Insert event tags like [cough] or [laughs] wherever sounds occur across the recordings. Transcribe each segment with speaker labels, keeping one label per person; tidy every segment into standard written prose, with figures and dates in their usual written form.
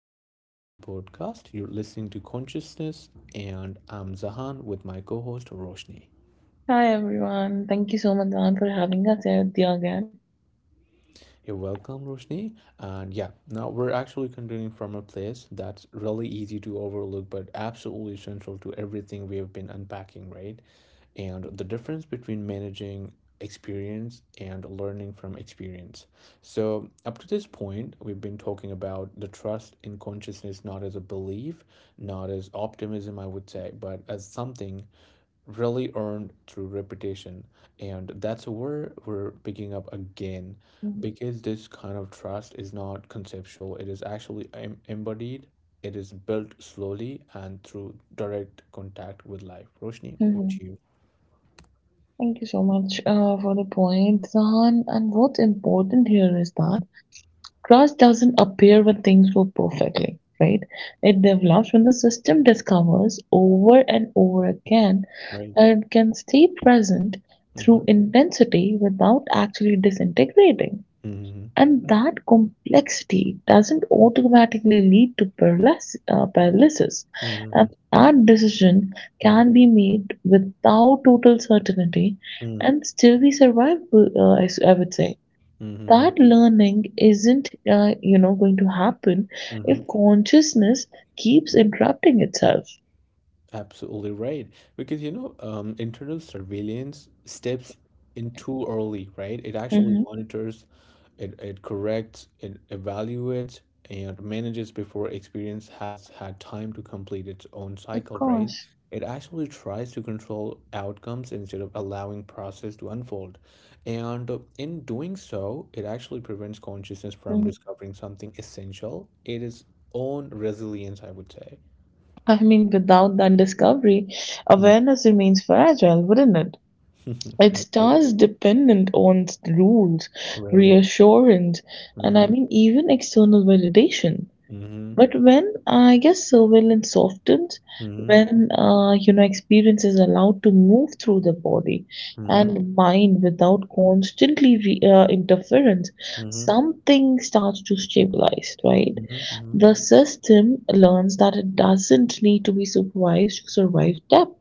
Speaker 1: welcome back to the podcast. You're listening to Consciousness, and I'm Zahan with my co host Roshni.
Speaker 2: Hi everyone. Thank you so much, Dan, for having us here with you again.
Speaker 1: You're welcome, Roshni. And yeah, now we're actually continuing from a place that's really easy to overlook, but absolutely essential to everything we have been unpacking, right? And the difference between managing experience and learning from experience. So, up to this point, we've been talking about the trust in consciousness not as a belief, not as optimism, I would say, but as something really earned through reputation, and that's where we're picking up again
Speaker 2: Mhm,
Speaker 1: because this kind of trust is not conceptual. It is actually embodied. It is built slowly and through direct contact with life. Roshni, over
Speaker 2: mhm.
Speaker 1: to you.
Speaker 2: Thank you so much for the point, Zahan. And what's important here is that trust doesn't appear when things go perfectly, right? It develops when the system discovers over and over again
Speaker 1: Right.
Speaker 2: that it can stay present
Speaker 1: Mm-hmm.
Speaker 2: through intensity without actually disintegrating.
Speaker 1: Mm-hmm.
Speaker 2: And that complexity doesn't automatically lead to paralysis. And
Speaker 1: Mm-hmm.
Speaker 2: that decision can be made without total certainty
Speaker 1: Mm-hmm.
Speaker 2: and still be survivable, I would say.
Speaker 1: Mm-hmm.
Speaker 2: That learning isn't, going to happen
Speaker 1: Mm-hmm.
Speaker 2: if consciousness keeps interrupting itself.
Speaker 1: Absolutely right. Because internal surveillance steps in too early, right? It actually
Speaker 2: hmm
Speaker 1: monitors. It corrects, it evaluates, and manages before experience has had time to complete its own
Speaker 2: Of
Speaker 1: cycle, right?
Speaker 2: course.
Speaker 1: It actually tries to control outcomes instead of allowing process to unfold. And in doing so, it actually prevents consciousness from
Speaker 2: Mhm.
Speaker 1: discovering something essential. It is own resilience, I would say.
Speaker 2: I mean, without that discovery,
Speaker 1: Mm.
Speaker 2: awareness remains fragile, wouldn't it?
Speaker 1: [laughs]
Speaker 2: It
Speaker 1: Absolutely.
Speaker 2: stars dependent on rules,
Speaker 1: Right.
Speaker 2: reassurance, and
Speaker 1: Mm-hmm.
Speaker 2: even external validation.
Speaker 1: Mm-hmm.
Speaker 2: But when I guess surveillance softens, when experience is allowed to move through the body
Speaker 1: Mm-hmm. Mm-hmm.
Speaker 2: and mind without constantly interference,
Speaker 1: Mm-hmm.
Speaker 2: something starts to stabilize. Right,
Speaker 1: Mm-hmm.
Speaker 2: the system learns that it doesn't need to be supervised to survive depth.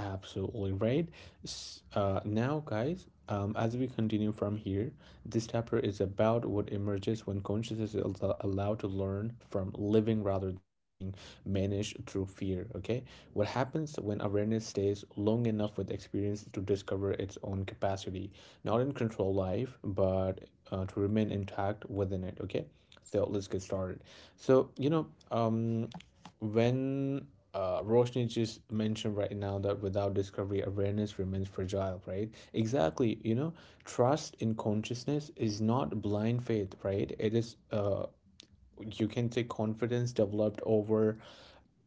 Speaker 1: Absolutely right. Now, guys, as we continue from here, this chapter is about what emerges when consciousness is allowed to learn from living rather than being managed through fear. Okay, what happens when awareness stays long enough with experience to discover its own capacity, not in control life, but to remain intact within it. Okay, so let's get started. So when Roshni just mentioned right now that without discovery, awareness remains fragile, right? Exactly. You know, trust in consciousness is not blind faith, right? It is, you can say, confidence developed over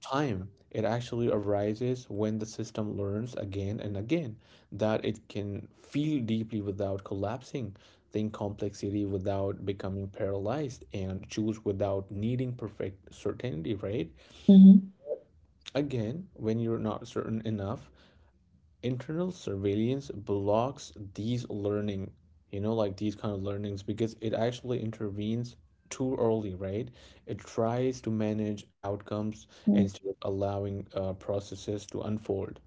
Speaker 1: time. It actually arises when the system learns again and again that it can feel deeply without collapsing, think complexity without becoming paralyzed, and choose without needing perfect certainty, right?
Speaker 2: Mm-hmm.
Speaker 1: Again, when you're not certain enough, internal surveillance blocks these learning, you know, like these kind of learnings because it actually intervenes too early, right? It tries to manage outcomes
Speaker 2: Mm-hmm.
Speaker 1: instead of allowing processes to unfold.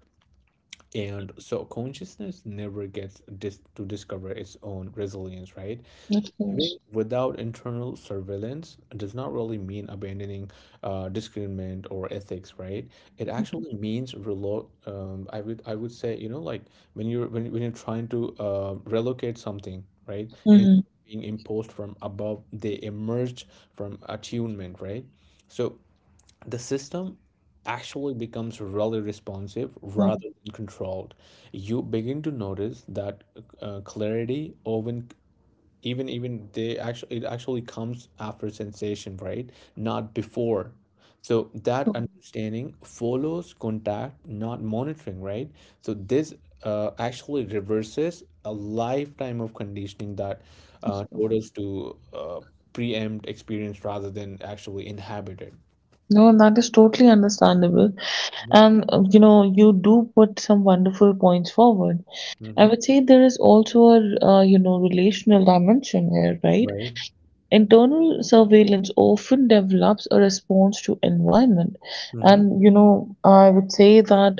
Speaker 1: And so consciousness never gets to discover its own resilience, right?
Speaker 2: Of
Speaker 1: Living
Speaker 2: course.
Speaker 1: without internal surveillance does not really mean abandoning discernment or ethics, right? It actually means relo I would say, you know, like when you're when you're trying to relocate something, right?
Speaker 2: Mm-hmm.
Speaker 1: Instead of being imposed from above, they emerged from attunement, right? So the system actually becomes really responsive
Speaker 2: Mm-hmm.
Speaker 1: rather than controlled. You begin to notice that clarity often even they actually it actually comes after sensation, right? Not before. So that understanding follows contact, not monitoring, right? So this actually reverses a lifetime of conditioning that taught us to preempt experience rather than actually inhabit it.
Speaker 2: No, that is totally understandable.
Speaker 1: Mm-hmm.
Speaker 2: And you do put some wonderful points forward. I
Speaker 1: Mm-hmm.
Speaker 2: would say there is also a relational dimension here, right?
Speaker 1: Right.
Speaker 2: Internal surveillance often develops a response to environment,
Speaker 1: Mm-hmm.
Speaker 2: and you know I would say that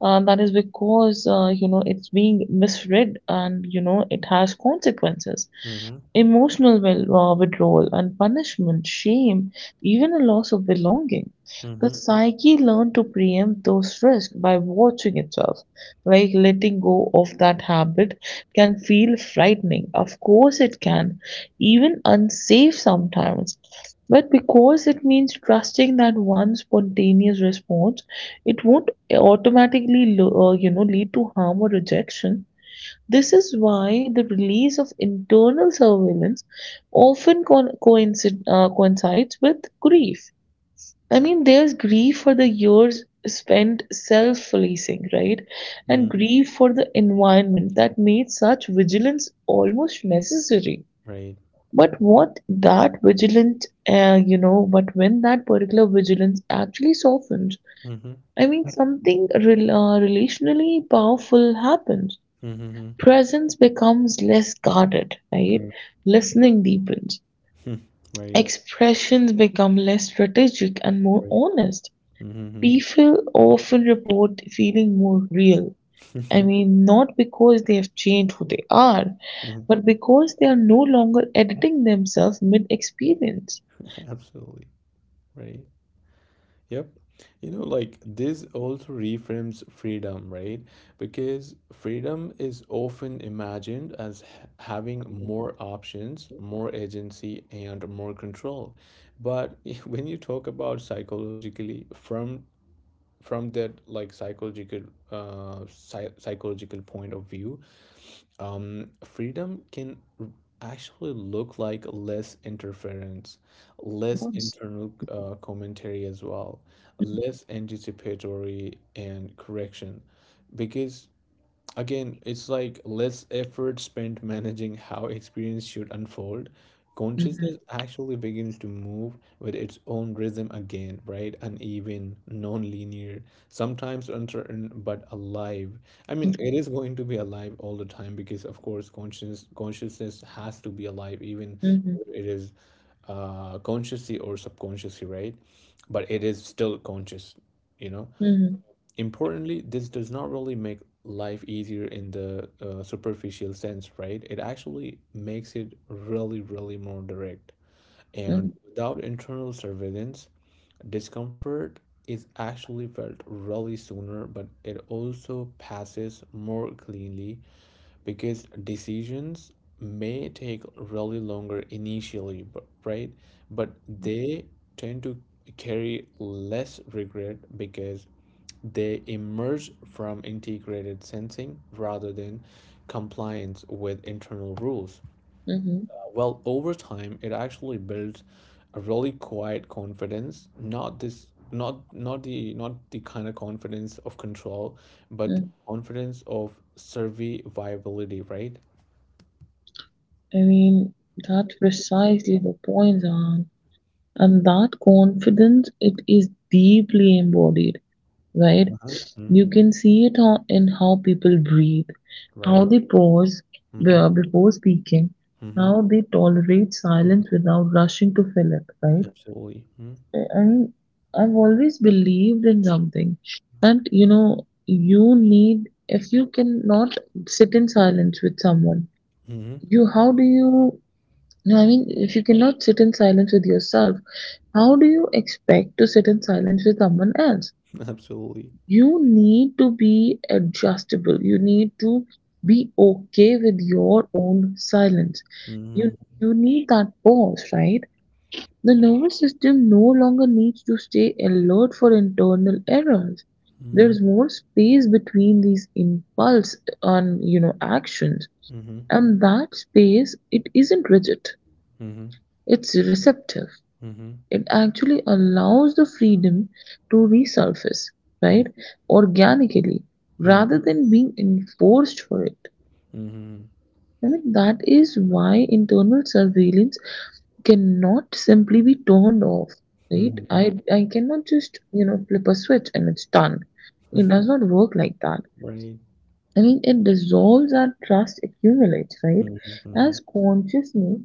Speaker 2: that is because you know it's being misread and it has consequences:
Speaker 1: Mm-hmm.
Speaker 2: emotional withdrawal and punishment, shame, even a loss of belonging. The
Speaker 1: Mm-hmm.
Speaker 2: psyche learned to preempt those risks by watching itself. Like letting go of that habit can feel frightening. Of course it can, even unsafe sometimes. But because it means trusting that one spontaneous response, it won't automatically, lead to harm or rejection. This is why the release of internal surveillance often coincides with grief. I mean, there's grief for the years spent self policing, right? And
Speaker 1: Mm-hmm.
Speaker 2: grief for the environment that made such vigilance almost necessary.
Speaker 1: Right.
Speaker 2: But what that vigilance, you know, but when that particular vigilance actually softens,
Speaker 1: Mm-hmm.
Speaker 2: I mean, something relationally powerful happens.
Speaker 1: Mm-hmm.
Speaker 2: Presence becomes less guarded, right?
Speaker 1: Mm-hmm.
Speaker 2: Listening deepens.
Speaker 1: [laughs] Right.
Speaker 2: Expressions become less strategic and more
Speaker 1: Right.
Speaker 2: honest.
Speaker 1: Mm-hmm.
Speaker 2: People often report feeling more real. I mean, not because they have changed who they are,
Speaker 1: [laughs]
Speaker 2: but because they are no longer editing themselves mid experience.
Speaker 1: [laughs] Absolutely. Right. Yep. You know, like this also reframes freedom, right? Because freedom is often imagined as having more options, more agency, and more control. But [laughs] when you talk about psychologically, from that like psychological psychological point of view, freedom can actually look like less interference, less
Speaker 2: Yes.
Speaker 1: internal commentary as well, less anticipatory and correction, because again, it's like less effort spent managing how experience should unfold.
Speaker 2: Mm-hmm,
Speaker 1: Consciousness actually begins to move with its own rhythm again, right? Uneven, non-linear, sometimes uncertain, but alive. I mean, it is going to be alive all the time because, of course, consciousness has to be alive, even
Speaker 2: mm-hmm,
Speaker 1: whether it is consciously or subconsciously, right? But it is still conscious, you know.
Speaker 2: mm-hmm,
Speaker 1: Importantly, this does not really make life easier in the superficial sense, right? It actually makes it really more direct. And without internal surveillance, discomfort is actually felt really sooner, but it also passes more cleanly because decisions may take really longer initially, but they tend to carry less regret because they emerge from integrated sensing rather than compliance with internal rules.
Speaker 2: mm-hmm.
Speaker 1: Well, over time, it actually builds a really quiet confidence, not this not not the not the kind of confidence of control, but the
Speaker 2: Mm-hmm.
Speaker 1: confidence of survivability, right?
Speaker 2: I mean, that's precisely the point, Zan. And that confidence, it is deeply embodied, right?
Speaker 1: Uh-huh. Mhm.
Speaker 2: You can see it in how people breathe, how
Speaker 1: Right.
Speaker 2: they pause
Speaker 1: Mm-hmm.
Speaker 2: before speaking,
Speaker 1: Mm-hmm.
Speaker 2: how they tolerate
Speaker 1: Hmm.
Speaker 2: silence without rushing to fill it, right?
Speaker 1: Absolutely. Mm-hmm.
Speaker 2: And I've always believed in something that, you know, you need, if you cannot sit in silence with someone, you, how do you, No, I mean, if you cannot sit in silence with yourself, how do you expect to sit in silence with someone else?
Speaker 1: [laughs] Absolutely.
Speaker 2: You need to be adjustable. You need to be okay with your own silence. You
Speaker 1: Mm-hmm.
Speaker 2: you need that pause, right? The nervous system no longer needs to stay alert for internal errors. There
Speaker 1: Mm-hmm.
Speaker 2: is more space between these impulse and actions,
Speaker 1: Mm-hmm.
Speaker 2: and that space, it isn't rigid.
Speaker 1: Mm-hmm.
Speaker 2: It's receptive.
Speaker 1: Mm-hmm.
Speaker 2: It actually allows the freedom to resurface, right, organically
Speaker 1: Mm-hmm.
Speaker 2: rather than being enforced for it.
Speaker 1: Mhm.
Speaker 2: I mean, that is why internal surveillance cannot simply be turned off, right?
Speaker 1: Mhm.
Speaker 2: I cannot just, you know, flip a switch and it's done. It does not
Speaker 1: [laughs]
Speaker 2: work like that.
Speaker 1: Right.
Speaker 2: I mean, it dissolves our trust accumulates, right?
Speaker 1: Mhm,
Speaker 2: As
Speaker 1: mhm,
Speaker 2: consciousness,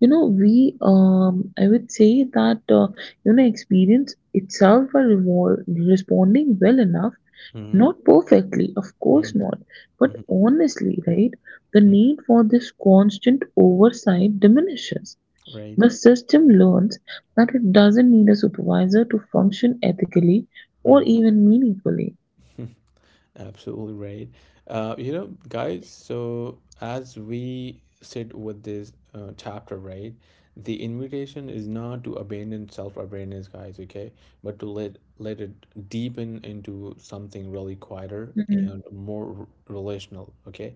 Speaker 2: you know, I would say that, experience itself are responding well enough,
Speaker 1: mhm,
Speaker 2: not perfectly, of
Speaker 1: mhm,
Speaker 2: course not, but
Speaker 1: mhm,
Speaker 2: honestly, right? The
Speaker 1: mhm.
Speaker 2: need for this constant oversight diminishes.
Speaker 1: Right.
Speaker 2: The system learns that it doesn't need a supervisor to function ethically or
Speaker 1: Mm.
Speaker 2: even meaningfully.
Speaker 1: [laughs] Absolutely right. You know, guys, so as we sit with this chapter, right, the invitation is not to abandon self-awareness, guys, okay, but to let it deepen into something really quieter
Speaker 2: Mhm.
Speaker 1: and more relational, okay?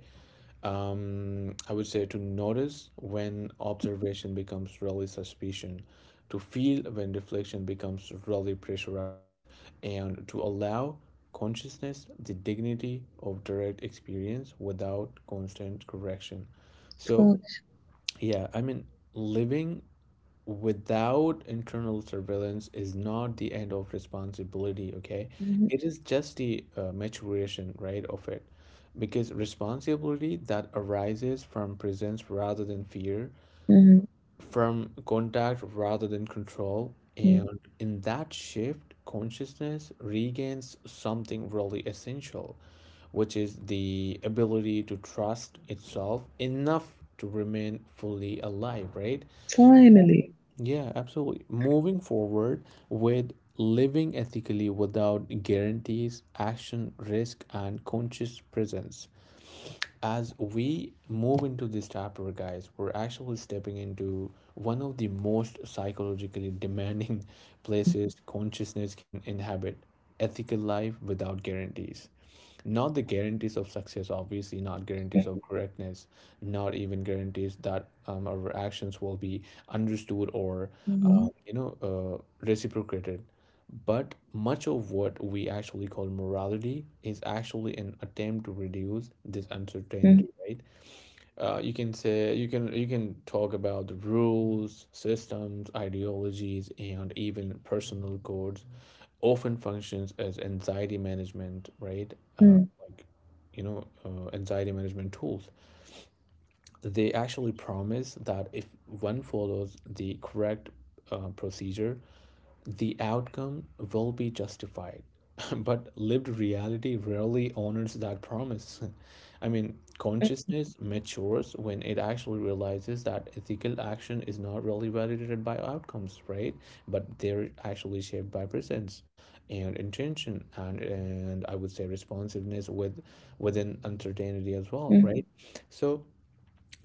Speaker 1: I would say to notice when observation becomes really suspicion, to feel when reflection becomes really pressurized, and to allow consciousness the dignity of direct experience without constant correction.
Speaker 2: Of
Speaker 1: So,
Speaker 2: course.
Speaker 1: yeah, I mean, living without internal surveillance is not the end of responsibility, okay?
Speaker 2: Mhm.
Speaker 1: It is just the maturation, right, of it, because responsibility that arises from presence rather than fear,
Speaker 2: Mhm.
Speaker 1: from contact rather than control, and in that shift consciousness regains something really essential, which is the ability to trust itself enough to remain fully alive, right?
Speaker 2: Finally.
Speaker 1: Yeah, absolutely. Moving forward with living ethically without guarantees, action, risk, and conscious presence, as we move into this chapter, guys, we're actually stepping into one of the most psychologically demanding [laughs] places consciousness can inhabit: ethical life without guarantees. Not the guarantees of success, obviously, not guarantees of correctness, not even guarantees that our actions will be understood or,
Speaker 2: Mhm,
Speaker 1: reciprocated. But much of what we actually call morality is actually an attempt to reduce this
Speaker 2: mhm,
Speaker 1: uncertainty, right? You can say, you can talk about the rules, systems, ideologies, and even personal codes. Often functions as anxiety management, right?
Speaker 2: mhm,
Speaker 1: Anxiety management tools, they actually promise that if one follows the correct procedure, the outcome will be justified. [laughs] But lived reality rarely honors that promise. [laughs] I mean, consciousness matures when it actually realizes that ethical action is not really validated by outcomes, right? But they're actually shaped by presence and intention, and I would say responsiveness with within uncertainty as well, right?
Speaker 2: mhm,
Speaker 1: So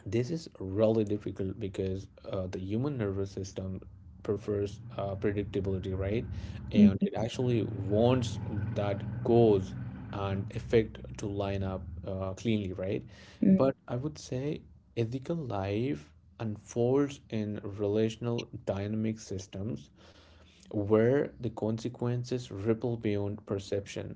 Speaker 1: this is really difficult because the human nervous system prefers predictability, right? And
Speaker 2: mhm,
Speaker 1: it actually wants that cause and effect to line up cleanly, right?
Speaker 2: mhm.
Speaker 1: But I would say ethical life unfolds in relational dynamic systems where the consequences ripple beyond perception.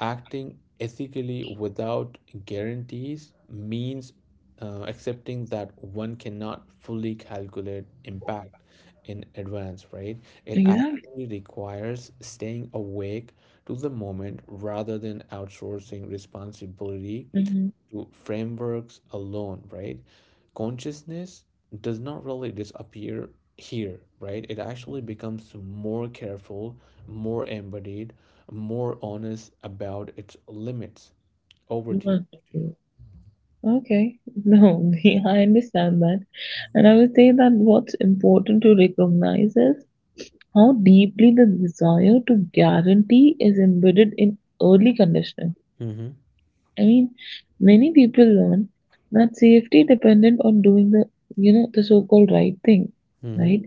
Speaker 1: Acting ethically without guarantees means accepting that one cannot fully calculate impact in advance, right? It
Speaker 2: Exactly.
Speaker 1: actually requires staying awake to the moment rather than outsourcing responsibility
Speaker 2: hmm
Speaker 1: to frameworks alone, right? Consciousness does not really disappear here, right? It actually becomes more careful, more embodied, more honest about its limits. Over
Speaker 2: You
Speaker 1: to you.
Speaker 2: are so good. Okay. No, [laughs] I understand that. And I would say that what's important to recognize is how deeply the desire to guarantee is embedded in early conditioning.
Speaker 1: Mm-hmm.
Speaker 2: I mean, many people learn that safety dependent on doing the, you know, the so-called right thing,
Speaker 1: Mm-hmm.
Speaker 2: right?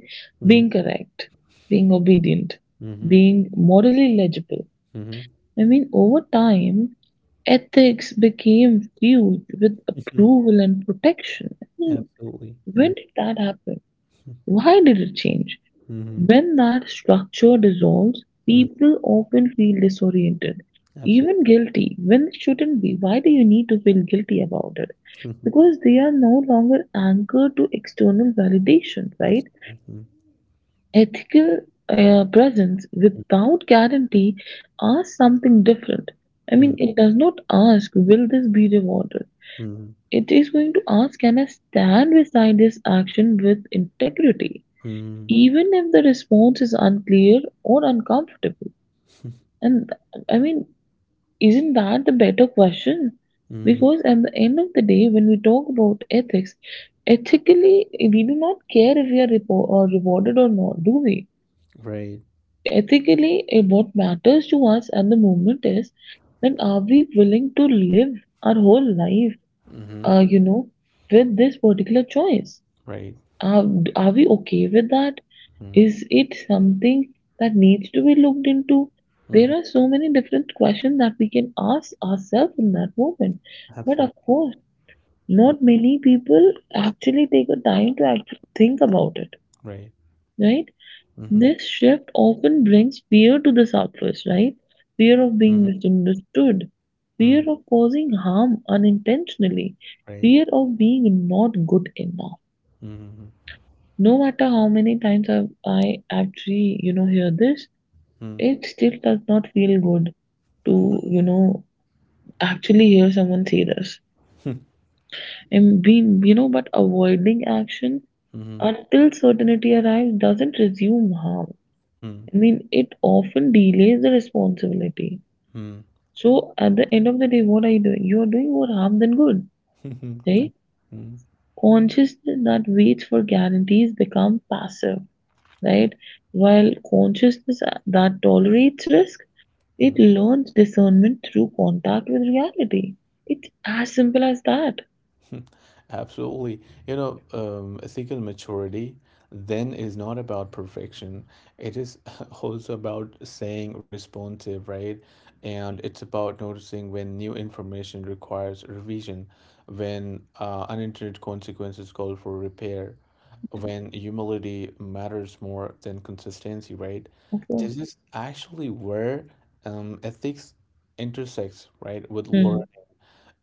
Speaker 2: Being correct, being obedient,
Speaker 1: Mm-hmm.
Speaker 2: being morally legible.
Speaker 1: Mm-hmm.
Speaker 2: I mean, over time, ethics became viewed with
Speaker 1: Mm-hmm.
Speaker 2: approval and protection. I
Speaker 1: [laughs]
Speaker 2: mean,
Speaker 1: Absolutely. Mm-hmm.
Speaker 2: when did that happen? Why did it change?
Speaker 1: Mm-hmm.
Speaker 2: When that structure dissolves,
Speaker 1: Mm-hmm.
Speaker 2: people often feel disoriented, even
Speaker 1: Absolutely.
Speaker 2: guilty when it shouldn't be. Why do you need to feel guilty about it?
Speaker 1: Mhm.
Speaker 2: Because they are no longer anchored to external validation, right?
Speaker 1: Absolutely. Mm-hmm.
Speaker 2: Ethical presence without guarantee asks something different. I mean, it does not ask, will this be rewarded?
Speaker 1: Mm-hmm.
Speaker 2: It is going to ask, can I stand beside this action with integrity,
Speaker 1: Mm-hmm.
Speaker 2: even if the response is unclear or uncomfortable? And I mean, isn't that the better question?
Speaker 1: Mm-hmm.
Speaker 2: Because at the end of the day, when we talk about ethics, ethically, we do not care if we are repo- or rewarded or not, do we?
Speaker 1: Right.
Speaker 2: Ethically, what matters to us at the moment is then, are we willing to live our whole life,
Speaker 1: Mm-hmm.
Speaker 2: uh, you know, with this particular choice?
Speaker 1: Right.
Speaker 2: Are, are we okay with that? Is it something that needs to be looked into?
Speaker 1: Mm-hmm.
Speaker 2: There are so many different questions that we can ask ourselves in that moment. But
Speaker 1: Absolutely.
Speaker 2: of course, not many people actually take the time to actually think about it,
Speaker 1: Right.
Speaker 2: right?
Speaker 1: Mhm.
Speaker 2: This shift often brings fear to the surface, right? Fear of
Speaker 1: Mhm.
Speaker 2: being misunderstood,
Speaker 1: Mm.
Speaker 2: fear of causing harm unintentionally,
Speaker 1: Right.
Speaker 2: fear of being not good enough.
Speaker 1: Mhm.
Speaker 2: No matter how many times I actually, you know, hear this,
Speaker 1: Mm.
Speaker 2: it still does not feel good to, you know, actually hear someone say this.
Speaker 1: [laughs]
Speaker 2: And we, you know, but avoiding action
Speaker 1: Mhm.
Speaker 2: until certainty arrives doesn't resume harm.
Speaker 1: Mm.
Speaker 2: I mean, it often delays the responsibility.
Speaker 1: Mhm.
Speaker 2: So at the end of the day, what are you doing? You are doing more harm than good,
Speaker 1: [laughs] Mm.
Speaker 2: right?
Speaker 1: Mhm.
Speaker 2: Consciousness that waits for guarantees become passive, right? While consciousness that tolerates risk, it
Speaker 1: Mm. [laughs]
Speaker 2: learns discernment through contact with reality. It's as simple as that.
Speaker 1: [laughs] Absolutely. You know, ethical maturity then is not about perfection. It is [laughs] also about saying responsive, right? And it's about noticing when new information requires revision, when unintended consequences call for repair, when humility matters more than consistency, right?
Speaker 2: Of course.
Speaker 1: This is actually where ethics intersects, right, with learning.
Speaker 2: Mm,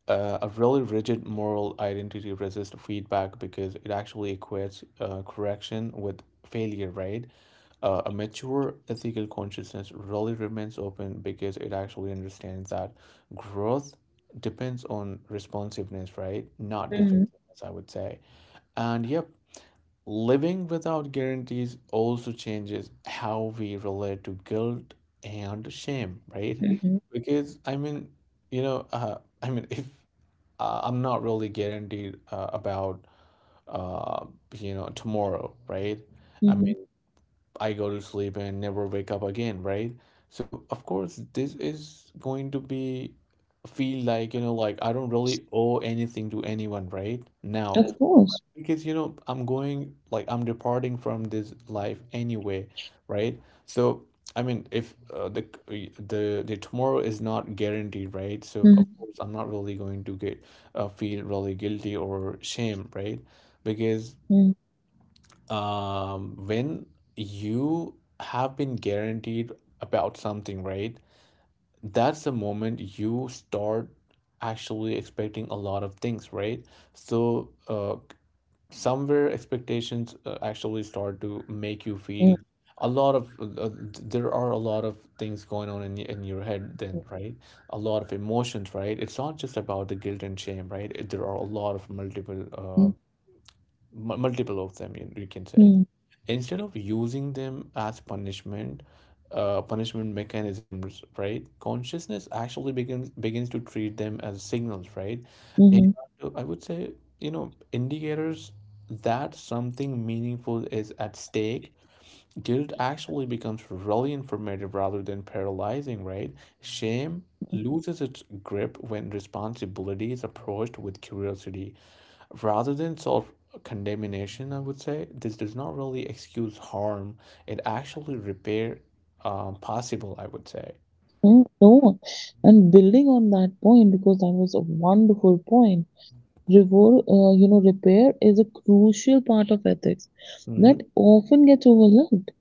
Speaker 1: Uh, a really rigid moral identity resists feedback because it actually equates correction with failure, right? A mature ethical consciousness really remains open because it actually understands that growth depends on responsiveness, right? Not
Speaker 2: mm,
Speaker 1: defensiveness, I would say. And yep, living without guarantees also changes how we relate to guilt and shame, right?
Speaker 2: mhm,
Speaker 1: Because, I mean, you know, uh, I mean, [laughs] if I'm not really guaranteed about uh, you know tomorrow, right? I
Speaker 2: mhm.
Speaker 1: mean, I go to sleep and never wake up again, right? So of course, this is going to be feel like you know like I don't really owe anything to anyone right now.
Speaker 2: Of course.
Speaker 1: Because you know, I'm going like I'm departing from this life anyway, right? So I mean, if the tomorrow is not guaranteed, right? So
Speaker 2: Mhm,
Speaker 1: of course, I'm not really going to get feel really guilty or shame, right? Because
Speaker 2: mm,
Speaker 1: when you have been guaranteed about something, right? That's the moment you start actually expecting a lot of things, right? So, somewhere expectations actually start to make you
Speaker 2: mm,
Speaker 1: feel a lot of there are a lot of things going on in your head
Speaker 2: mm,
Speaker 1: then, right? A lot of emotions, right? It's not just about the guilt and shame, right? There are a lot of multiple multiple of them, you can say.
Speaker 2: mm,
Speaker 1: Instead of using them as punishment, punishment mechanisms, right, consciousness actually begins to treat them as signals, right? And
Speaker 2: mhm,
Speaker 1: I would say, you know, indicators that something meaningful is at stake. Guilt actually becomes really informative rather than paralyzing, right? Shame loses its grip when responsibility is approached with curiosity rather than solve condemnation. I would say this does not really excuse harm, it actually repair possible, I would say.
Speaker 2: mm. No. And building on that point, because that was a wonderful point, repair is a crucial part of ethics
Speaker 1: Mm-hmm.
Speaker 2: that often gets overlooked.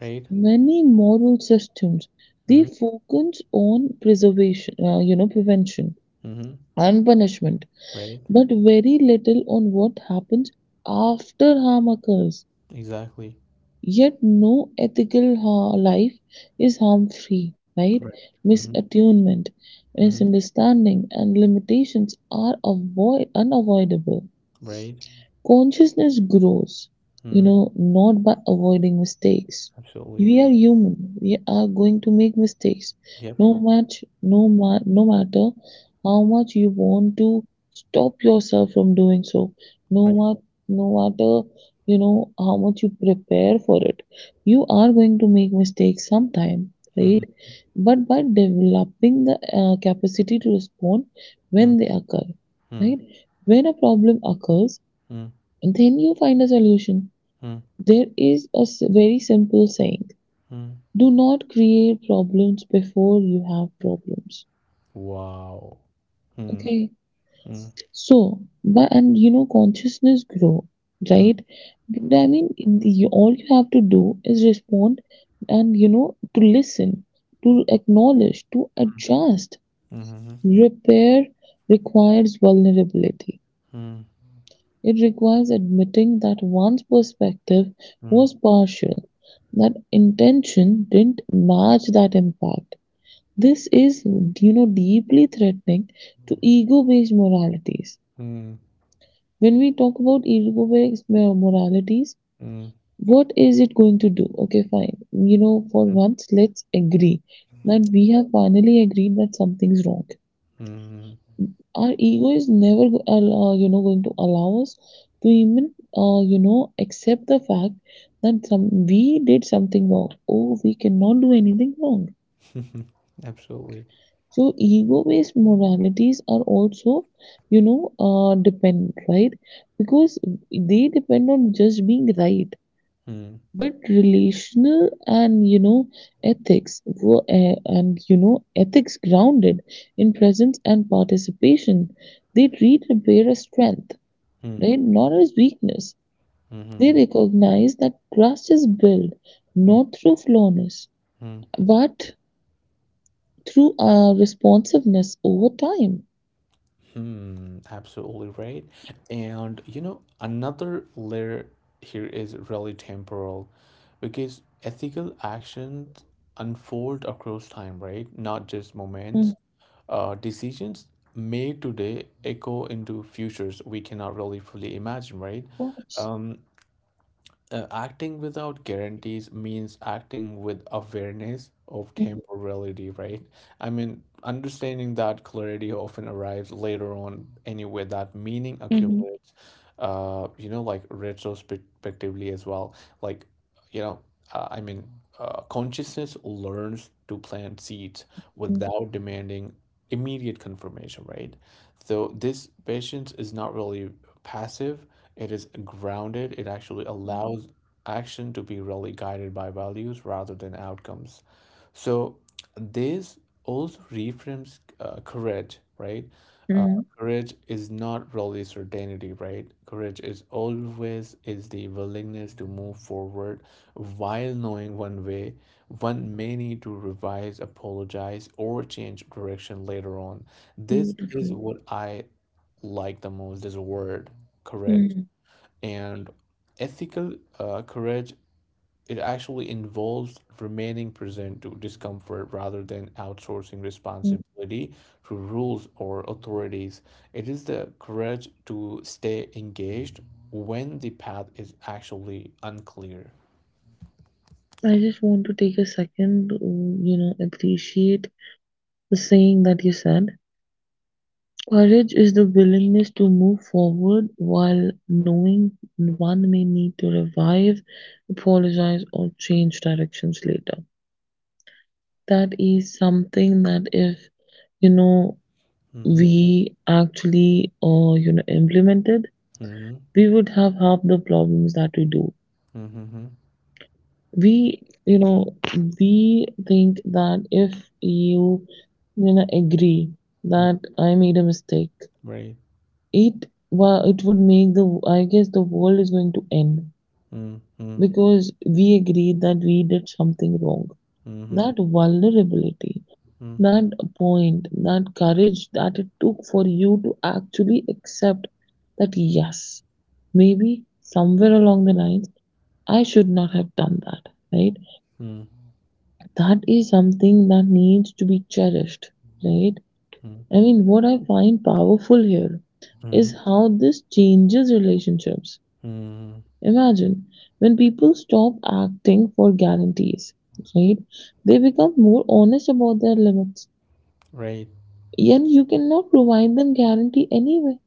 Speaker 1: Right.
Speaker 2: Many moral systems, they focus on preservation, prevention
Speaker 1: Mm-hmm.
Speaker 2: and punishment,
Speaker 1: Right.
Speaker 2: but very little on what happens after harm occurs.
Speaker 1: Exactly.
Speaker 2: Yet, no ethical life is harm free, right?
Speaker 1: Right. Mm-hmm.
Speaker 2: Misattunement,
Speaker 1: Mm-hmm.
Speaker 2: misunderstanding, and limitations are unavoidable.
Speaker 1: Right.
Speaker 2: Consciousness grows, you
Speaker 1: Mm.
Speaker 2: know, not by avoiding mistakes.
Speaker 1: Absolutely.
Speaker 2: We are human. We are going to make mistakes.
Speaker 1: Yep.
Speaker 2: No matter how much you want to stop yourself from doing so. No
Speaker 1: Right.
Speaker 2: ma- no matter you know how much you prepare for it. You are going to make mistakes sometime, right?
Speaker 1: Mm-hmm.
Speaker 2: But by developing the capacity to respond when they occur,
Speaker 1: Mm-hmm.
Speaker 2: right? When a problem occurs,
Speaker 1: Mm-hmm.
Speaker 2: then you find a solution. There is a very simple saying:
Speaker 1: Mm-hmm.
Speaker 2: do not create problems before you have problems.
Speaker 1: Wow. mm Wow.
Speaker 2: Okay, so, but and you know, consciousness grow, right? I mean, you, all you have to do is respond and, you know, to listen, to acknowledge, to adjust. Repair requires vulnerability.
Speaker 1: Mm-hmm. [laughs]
Speaker 2: It requires admitting that one's perspective
Speaker 1: Mm
Speaker 2: was partial, that intention didn't match that impact. This is, you know, deeply threatening to ego-based moralities.
Speaker 1: mm
Speaker 2: When we talk about ego-based moralities, what is it going to do? Okay, fine. You know, for
Speaker 1: mm
Speaker 2: once, let's agree that we have finally agreed that something's wrong.
Speaker 1: mm
Speaker 2: Our ego is never going to allow us to even uh, you know accept the fact that some we did something wrong. Oh, we cannot do anything wrong.
Speaker 1: mm [laughs] Absolutely.
Speaker 2: So ego based moralities are also, you know, dependent, right? Because they depend on just being right.
Speaker 1: Mm,
Speaker 2: But relational and you know ethics were, and you know ethics grounded in presence and participation, they treat repair as strength,
Speaker 1: mm,
Speaker 2: right, not as weakness. They
Speaker 1: mhm,
Speaker 2: recognize that trust is built
Speaker 1: mhm,
Speaker 2: not through flawlessness,
Speaker 1: mhm.
Speaker 2: but through responsiveness over time.
Speaker 1: Hmm. Absolutely right. And you know, another layer here is really temporal, because ethical actions unfold across time, right? Not just
Speaker 2: Mm,
Speaker 1: moments. Decisions made today echo into futures we cannot really fully imagine, right?
Speaker 2: of course.
Speaker 1: Um, Acting without guarantees means acting with awareness of
Speaker 2: Mm,
Speaker 1: temporality, right? I mean, understanding that clarity often arrives later on anyway, that meaning
Speaker 2: Mhm.
Speaker 1: accumulates, you know, like retrospectively as well. Like, you know, uh, I mean, Consciousness learns to plant seeds
Speaker 2: mm,
Speaker 1: without demanding immediate confirmation, right? So this patience is not really passive, it is grounded. It actually allows action to be really guided by values rather than outcomes. So this also reframes courage, right? Uh,
Speaker 2: mm,
Speaker 1: courage is not really certainty, right? Courage is always is the willingness to move forward while knowing one may need to revise, apologize, or change direction later on. This is
Speaker 2: Beautiful.
Speaker 1: what I like the most, this word, courage.
Speaker 2: Mm,
Speaker 1: And ethical courage, it actually involves remaining present to discomfort rather than outsourcing
Speaker 2: mm.
Speaker 1: responsibility to rules or authorities. It is the courage to stay engaged when the path is actually unclear.
Speaker 2: I just want to take a second to, you know, appreciate the saying that you said. Courage is the willingness to move forward while knowing one may need to revive, apologize, or change directions later. That is something that, if you know
Speaker 1: Mm-hmm.
Speaker 2: we actually, implemented,
Speaker 1: Mm-hmm.
Speaker 2: we would have half the problems that we do.
Speaker 1: Mm-hmm.
Speaker 2: we you know we think that if you, you know, agree
Speaker 1: Mm-hmm.
Speaker 2: that I made a mistake,
Speaker 1: Right.
Speaker 2: it would make the, I guess, the world is going to end
Speaker 1: Mm-hmm.
Speaker 2: because we agreed that we did something wrong.
Speaker 1: Mm-hmm.
Speaker 2: That vulnerability, that point, that courage that it took for you to actually accept that, yes, maybe somewhere along the lines, I should not have done that, right?
Speaker 1: Mm-hmm.
Speaker 2: That is something that needs to be cherished, right? I mean, what I find powerful here
Speaker 1: Mm-hmm.
Speaker 2: is how this changes relationships.
Speaker 1: Mm-hmm.
Speaker 2: Imagine when people stop acting for guarantees, right? They become more honest about their limits,
Speaker 1: Right.
Speaker 2: and you cannot provide them guarantee anyway.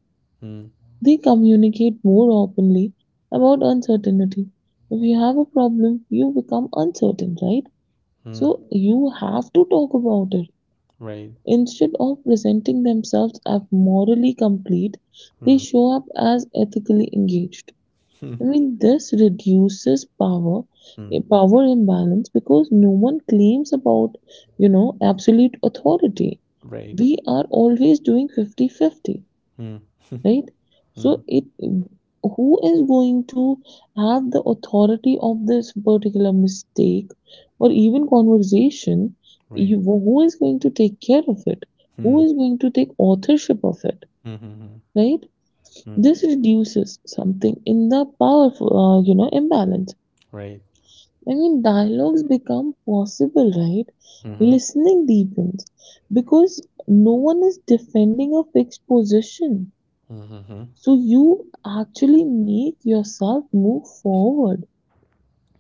Speaker 2: They communicate more openly about uncertainty. If you have a problem, you become uncertain, right?
Speaker 1: Mm-hmm.
Speaker 2: So you have to talk about it.
Speaker 1: Right.
Speaker 2: Instead of presenting themselves as morally complete, they show up as ethically engaged. I mean, this reduces
Speaker 1: Mm-hmm.
Speaker 2: power imbalance, because no one claims about, you know, absolute authority.
Speaker 1: [laughs] Right.
Speaker 2: We are always doing 50-50,
Speaker 1: Mm, [laughs]
Speaker 2: right?
Speaker 1: mm,
Speaker 2: So it, who is going to have the authority of this particular mistake or even conversation?
Speaker 1: right.
Speaker 2: You, who is going to take care of it?
Speaker 1: Mm,
Speaker 2: Who is going to take authorship of it?
Speaker 1: mm-hmm,
Speaker 2: Right?
Speaker 1: mm,
Speaker 2: This reduces something in the powerful, imbalance.
Speaker 1: right.
Speaker 2: I mean, dialogues become possible, right?
Speaker 1: Mm-hmm,
Speaker 2: Listening deepens because no one is defending a fixed position.
Speaker 1: mm-hmm,
Speaker 2: So you actually make yourself move forward,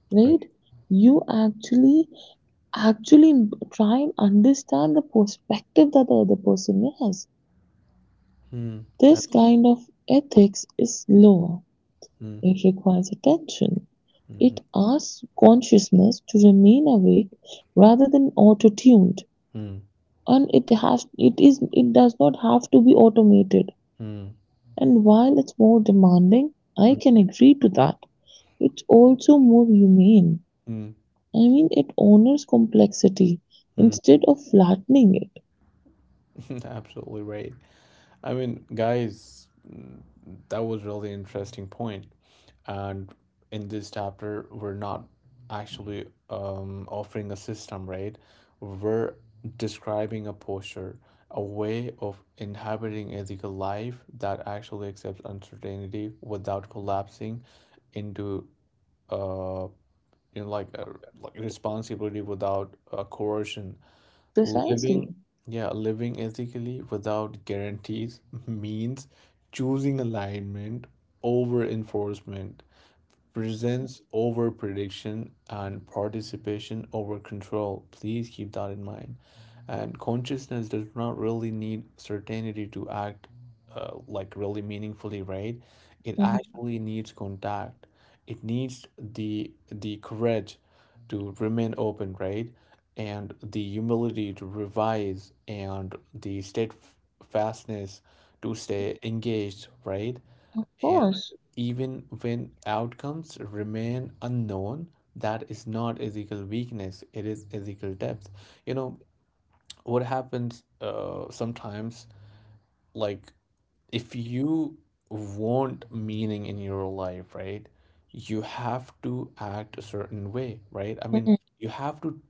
Speaker 2: right?
Speaker 1: right.
Speaker 2: You actually actually try and understand the perspective that the other person has.
Speaker 1: Mm,
Speaker 2: This
Speaker 1: absolutely.
Speaker 2: kind of ethics is lower.
Speaker 1: Mm,
Speaker 2: It requires attention.
Speaker 1: mm-hmm,
Speaker 2: It asks consciousness to remain awake rather than auto-tuned.
Speaker 1: mm,
Speaker 2: And it has it is it does not have to be automated.
Speaker 1: mm,
Speaker 2: And while it's more demanding, I
Speaker 1: mm,
Speaker 2: can agree to that, it's also more humane.
Speaker 1: mm,
Speaker 2: I mean, it honors complexity
Speaker 1: mm.
Speaker 2: instead of flattening it.
Speaker 1: [laughs] Absolutely right. I mean, guys, mm, that was really interesting point. And in this chapter, we're not actually offering a system, right? We're describing a posture, a way of inhabiting ethical life that actually accepts uncertainty without collapsing into uh you know like a, like responsibility without coercion. Living,
Speaker 2: Precisely.
Speaker 1: yeah, living ethically without guarantees means choosing alignment over enforcement, presents over prediction, and participation over control. Please keep that in mind. And consciousness does not really need certainty to act like really meaningfully, right? It
Speaker 2: Mhm.
Speaker 1: actually needs contact. It needs the courage to remain open, right? And the humility to revise, and the steadfastness to stay engaged, right?
Speaker 2: Of
Speaker 1: And
Speaker 2: course.
Speaker 1: even when outcomes remain unknown, that is not ethical weakness, it is ethical depth. You know, what happens sometimes, like if you want meaning in your life, right, you have to act a certain way, right? I mean,
Speaker 2: Mm-hmm.
Speaker 1: you have to,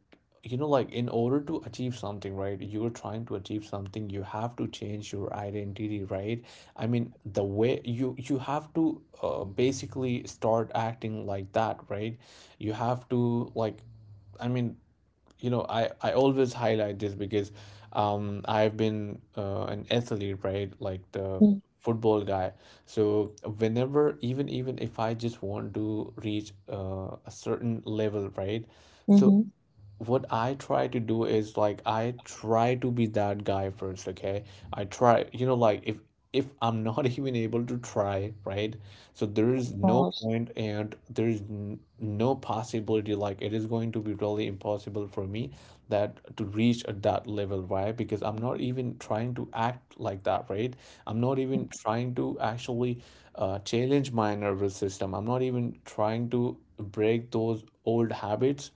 Speaker 1: you know, like in order to achieve something, right? You're trying to achieve something, you have to change your identity, right? I mean, the way you have to basically start acting like that, right? You have to like I mean, you know, I always highlight this because I've been an athlete, right, like the
Speaker 2: Mm-hmm.
Speaker 1: football guy. So whenever even if I just want to reach a certain level, right, so
Speaker 2: Mm-hmm.
Speaker 1: what I try to do is like I try to be that guy first, okay? I try, you know, like if I'm not [laughs] even able to try, right? So there
Speaker 2: Of
Speaker 1: is no
Speaker 2: course.
Speaker 1: point, and there is n no possibility, like it is going to be really impossible for me that to reach at that level, right? Because I'm not even trying to act like that, right? I'm not even trying to actually challenge my nervous system. I'm not even trying to break those old habits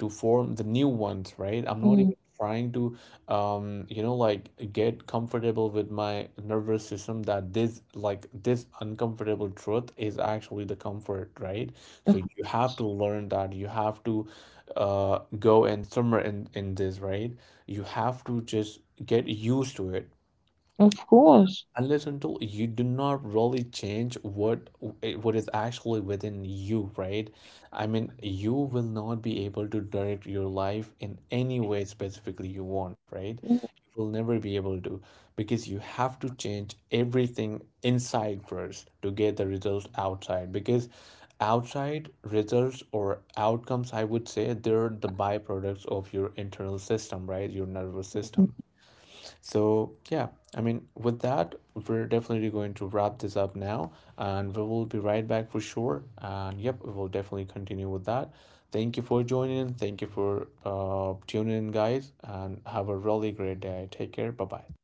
Speaker 1: to form the new ones, right? I'm not
Speaker 2: Mm.
Speaker 1: even trying to, you know, like get comfortable with my nervous system, that this, like, this uncomfortable truth is actually the comfort, right? So
Speaker 2: Of,
Speaker 1: you have to learn that. You have to go and somewhere in this, right? You have to just get used to it,
Speaker 2: of course.
Speaker 1: unless until you do not really change what is actually within you, right? I mean, you will not be able to direct your life in any way specifically you want, right? You
Speaker 2: Mm-hmm.
Speaker 1: will never be able to, because you have to change everything inside first to get the results outside, because outside results or outcomes, I would say, they're the byproducts of your internal system, right, your nervous system. So, yeah, I mean, with that, we're definitely going to wrap this up now, and we will be right back for sure. And yep, we will definitely continue with that. Thank you for joining. Thank you for tuning in, guys, and have a really great day. Take care. Bye bye.